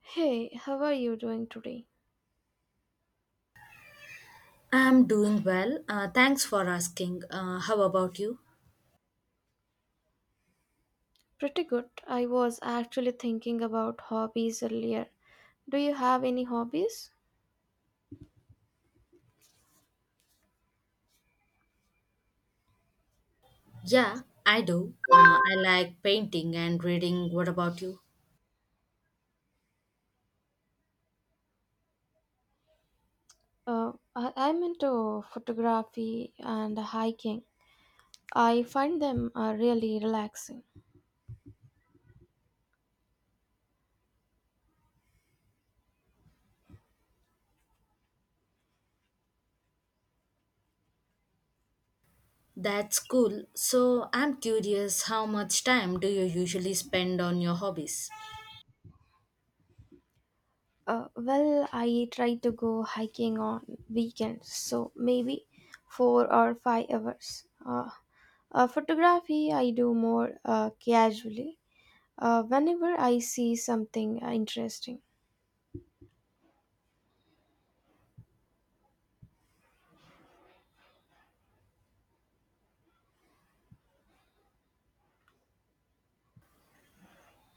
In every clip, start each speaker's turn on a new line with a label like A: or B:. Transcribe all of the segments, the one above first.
A: Hey, how are you doing today?
B: I'm doing well. Thanks for asking. How about you?
A: Pretty good. I was actually thinking about hobbies earlier. Do you have any hobbies?
B: Yeah, I do. I like painting and reading. What about you?
A: I'm into photography and hiking. I find them really relaxing.
B: That's cool. So I'm curious, how much time do you usually spend on your hobbies?
A: Well, I try to go hiking on weekends, so maybe 4 or 5 hours. Photography I do more casually, whenever I see something interesting.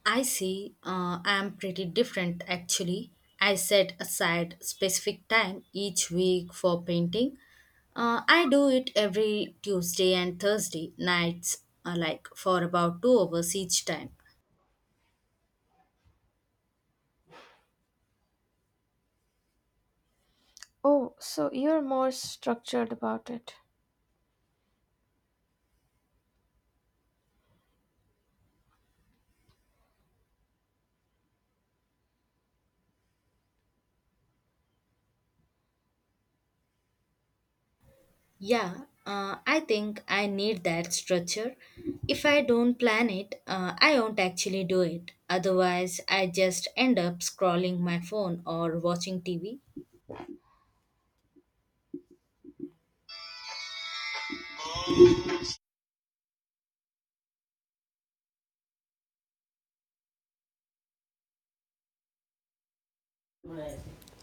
B: I see. I'm pretty different actually. I set aside specific time each week for painting. I do it every Tuesday and Thursday nights, like for about 2 hours each time.
A: Oh, so you're more structured about it.
B: Yeah, I think I need that structure. If I don't plan it, I won't actually do it. Otherwise, I just end up scrolling my phone or watching TV.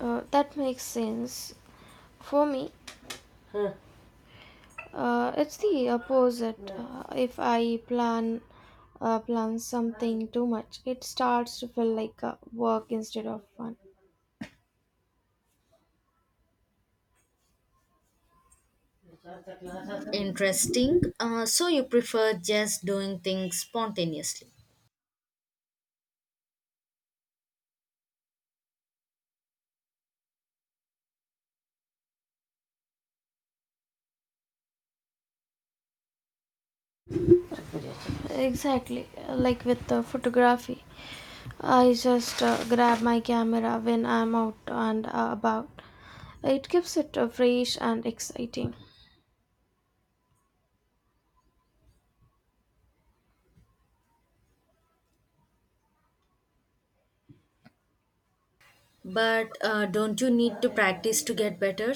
A: That makes sense. For me, it's the opposite. If I plan something too much, it starts to feel like work instead of fun.
B: Interesting. So you prefer just doing things spontaneously.
A: Exactly. Like with the photography, I just grab my camera when I'm out and about. It keeps it fresh and exciting.
B: But don't you need to practice to get better?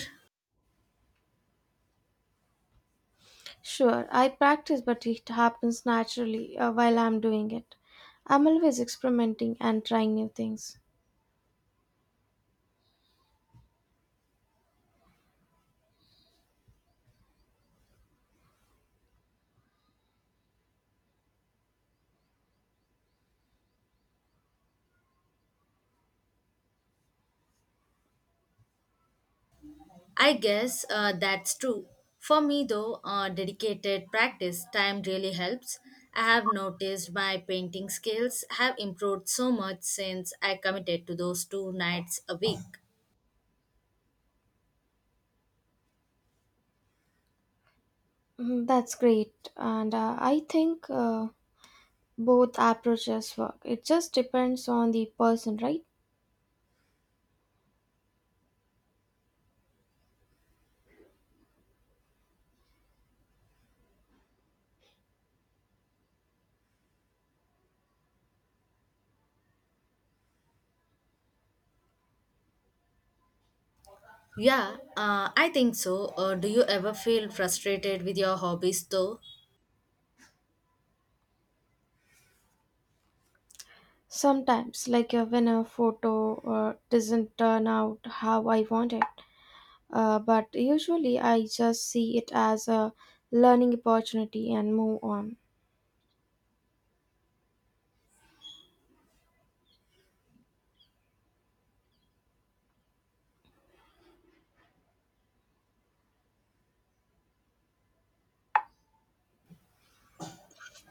A: Sure, I practice, but it happens naturally while I'm doing it. I'm always experimenting and trying new things.
B: I guess that's true. For me, though, dedicated practice time really helps. I have noticed my painting skills have improved so much since I committed to those two nights a week.
A: Mm, that's great, and I think both approaches work. It just depends on the person, right?
B: Yeah, I think so. Do you ever feel frustrated with your hobbies, though?
A: Sometimes, like when a photo doesn't turn out how I want it, but usually I just see it as a learning opportunity and move on.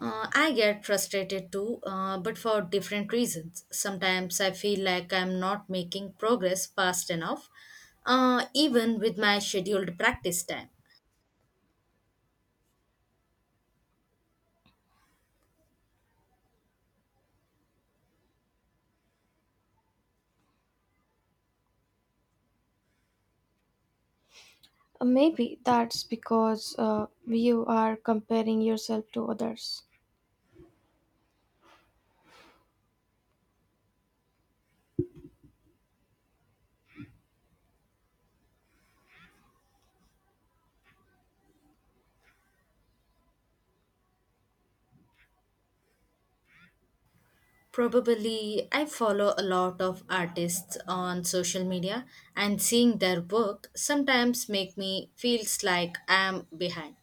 B: I get frustrated too, but for different reasons. Sometimes I feel like I'm not making progress fast enough, even with my scheduled practice time.
A: Maybe that's because you are comparing yourself to others.
B: Probably, I follow a lot of artists on social media and seeing their work sometimes make me feels like I'm behind.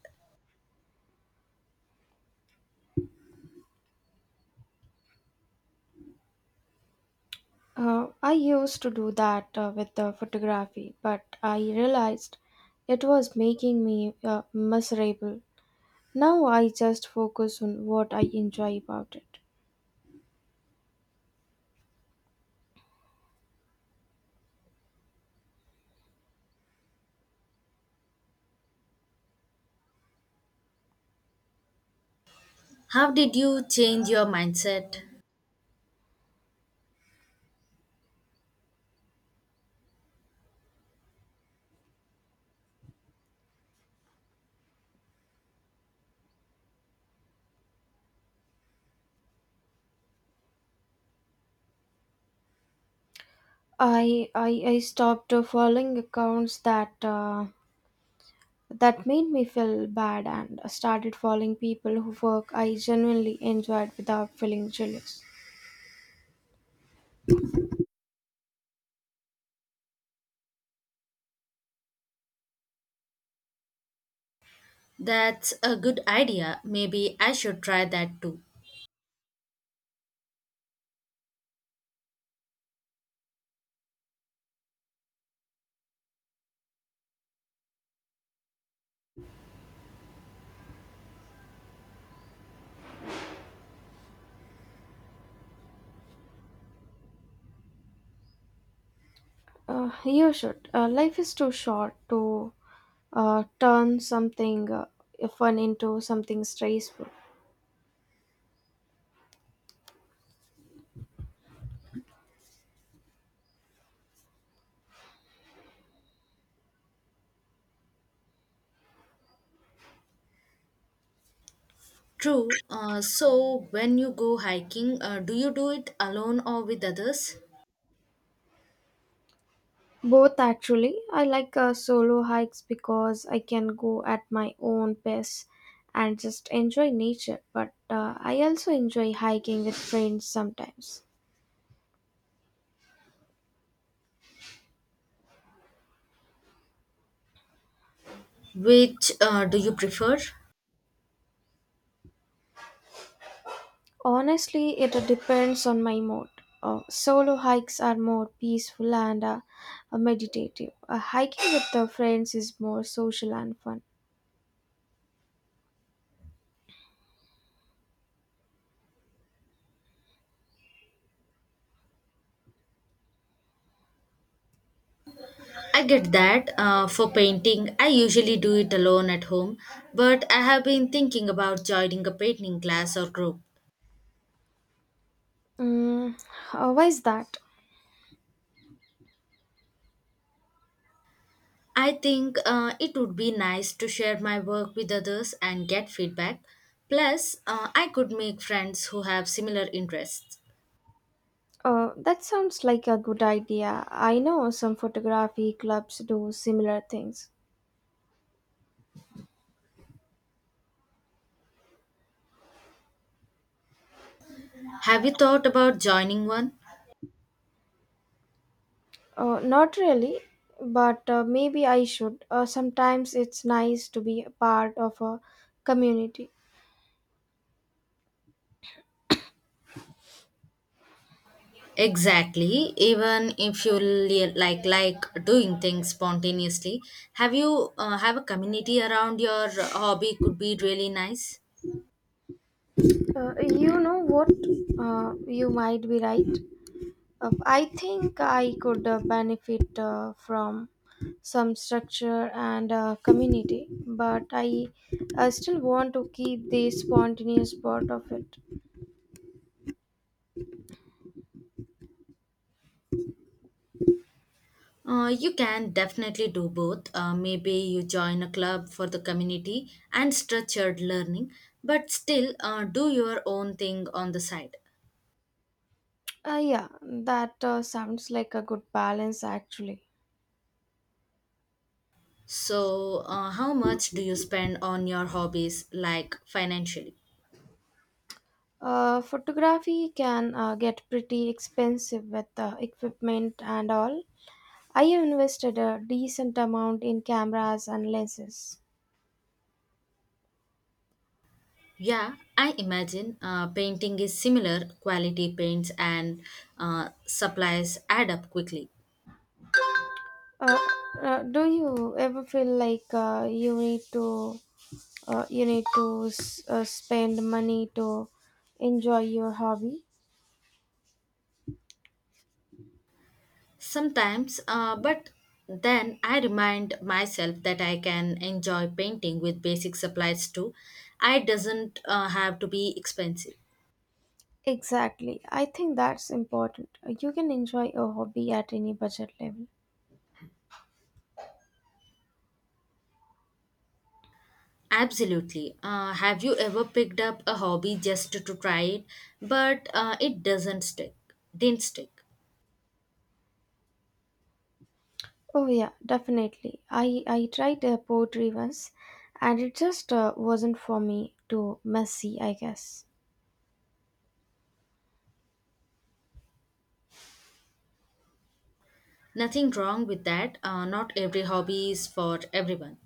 A: I used to do that with the photography, but I realized it was making me miserable. Now I just focus on what I enjoy about it.
B: How did you change your mindset?
A: I stopped following accounts that made me feel bad and started following people who work I genuinely enjoyed without feeling jealous.
B: That's a good idea. Maybe I should try that too.
A: You should. Life is too short to turn something fun into something stressful.
B: True. So when you go hiking, do you do it alone or with others?
A: Both actually. I like solo hikes because I can go at my own pace and just enjoy nature. But I also enjoy hiking with friends sometimes.
B: Which do you prefer?
A: Honestly, it depends on my mood. Solo hikes are more peaceful and meditative. Hiking with the friends is more social and fun.
B: I get that. For painting, I usually do it alone at home, but I have been thinking about joining a painting class or group.
A: Mm, why is that?
B: I think it would be nice to share my work with others and get feedback. Plus, I could make friends who have similar interests.
A: That sounds like a good idea. I know some photography clubs do similar things.
B: Have you thought about joining one?
A: Not really, but maybe I should. Sometimes it's nice to be a part of a community.
B: Exactly. Even if you like doing things spontaneously, have you have a community around your hobby could be really nice.
A: You know what? You might be right. I think I could benefit from some structure and community, but I still want to keep the spontaneous part of it.
B: You can definitely do both. Maybe you join a club for the community and structured learning, but still do your own thing on the side.
A: Yeah, that sounds like a good balance actually.
B: So, how much do you spend on your hobbies, like financially?
A: Photography can get pretty expensive with equipment and all. I have invested a decent amount in cameras and lenses.
B: Yeah, I imagine painting is similar. Quality paints and supplies add up quickly.
A: Uh, do you ever feel like you need to? You need to spend money to enjoy your hobby.
B: Sometimes, but then I remind myself that I can enjoy painting with basic supplies too. I doesn't have to be expensive.
A: Exactly, I think that's important. You can enjoy a hobby at any budget level.
B: Absolutely. Have you ever picked up a hobby just to try it, but it doesn't stick? Didn't stick.
A: Oh yeah, definitely. I tried poetry once and it just wasn't for me, too messy I guess.
B: Nothing wrong with that. Not every hobby is for everyone.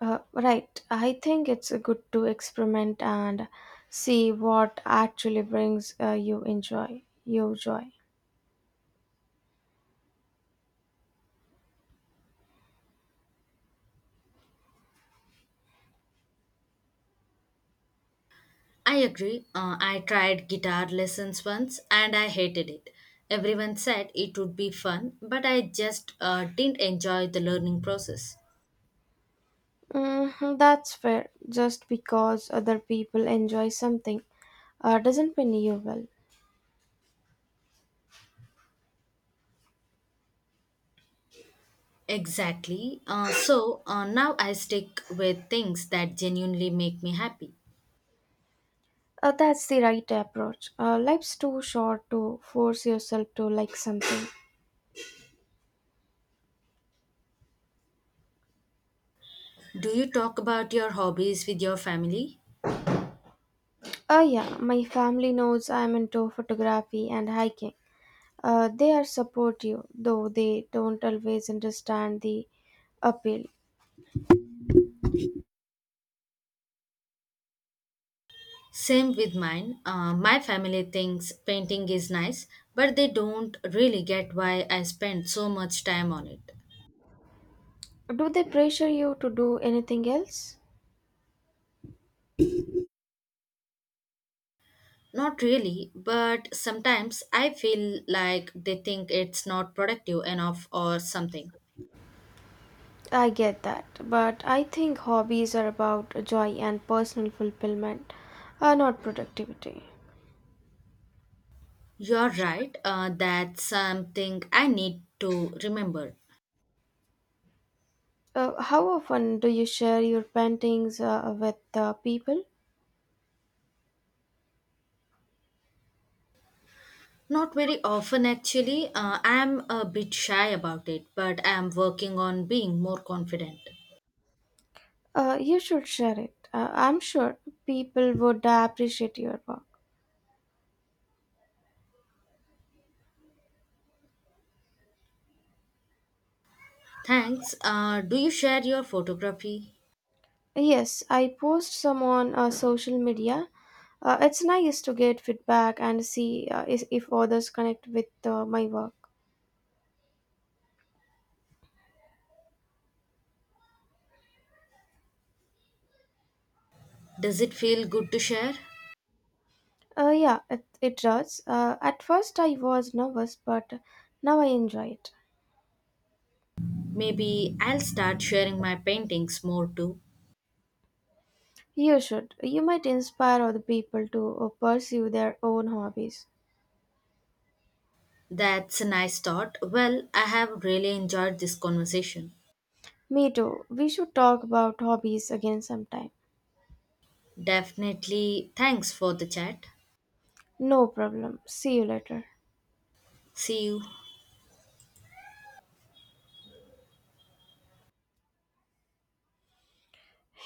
A: Right, I think it's good to experiment and see what actually brings you joy.
B: I agree. I tried guitar lessons once and I hated it. Everyone said it would be fun, but I just didn't enjoy the learning process.
A: Mm, that's fair. Just because other people enjoy something doesn't mean you will.
B: Exactly. So now I stick with things that genuinely make me happy.
A: That's the right approach. Life's too short to force yourself to like something.
B: Do you talk about your hobbies with your family?
A: Yeah, my family knows I'm into photography and hiking. They are supportive, though they don't always understand the appeal.
B: Same with mine. My family thinks painting is nice, but they don't really get why I spend so much time on it.
A: Do they pressure you to do anything else?
B: Not really, but sometimes I feel like they think it's not productive enough or something.
A: I get that, but I think hobbies are about joy and personal fulfillment, not productivity.
B: You're right, that's something I need to remember.
A: How often do you share your paintings with people?
B: Not very often, actually. I'm a bit shy about it, but I'm working on being more confident.
A: You should share it. I'm sure people would appreciate your work.
B: Thanks. Do you share your photography?
A: Yes, I post some on social media. It's nice to get feedback and see if others connect with my work.
B: Does it feel good to share?
A: Yeah, it does. At first I was nervous, but now I enjoy it.
B: Maybe I'll start sharing my paintings more too.
A: You should. You might inspire other people to pursue their own hobbies.
B: That's a nice thought. Well, I have really enjoyed this conversation.
A: Me too. We should talk about hobbies again sometime.
B: Definitely thanks for the chat.
A: No problem. See you later.
B: See you.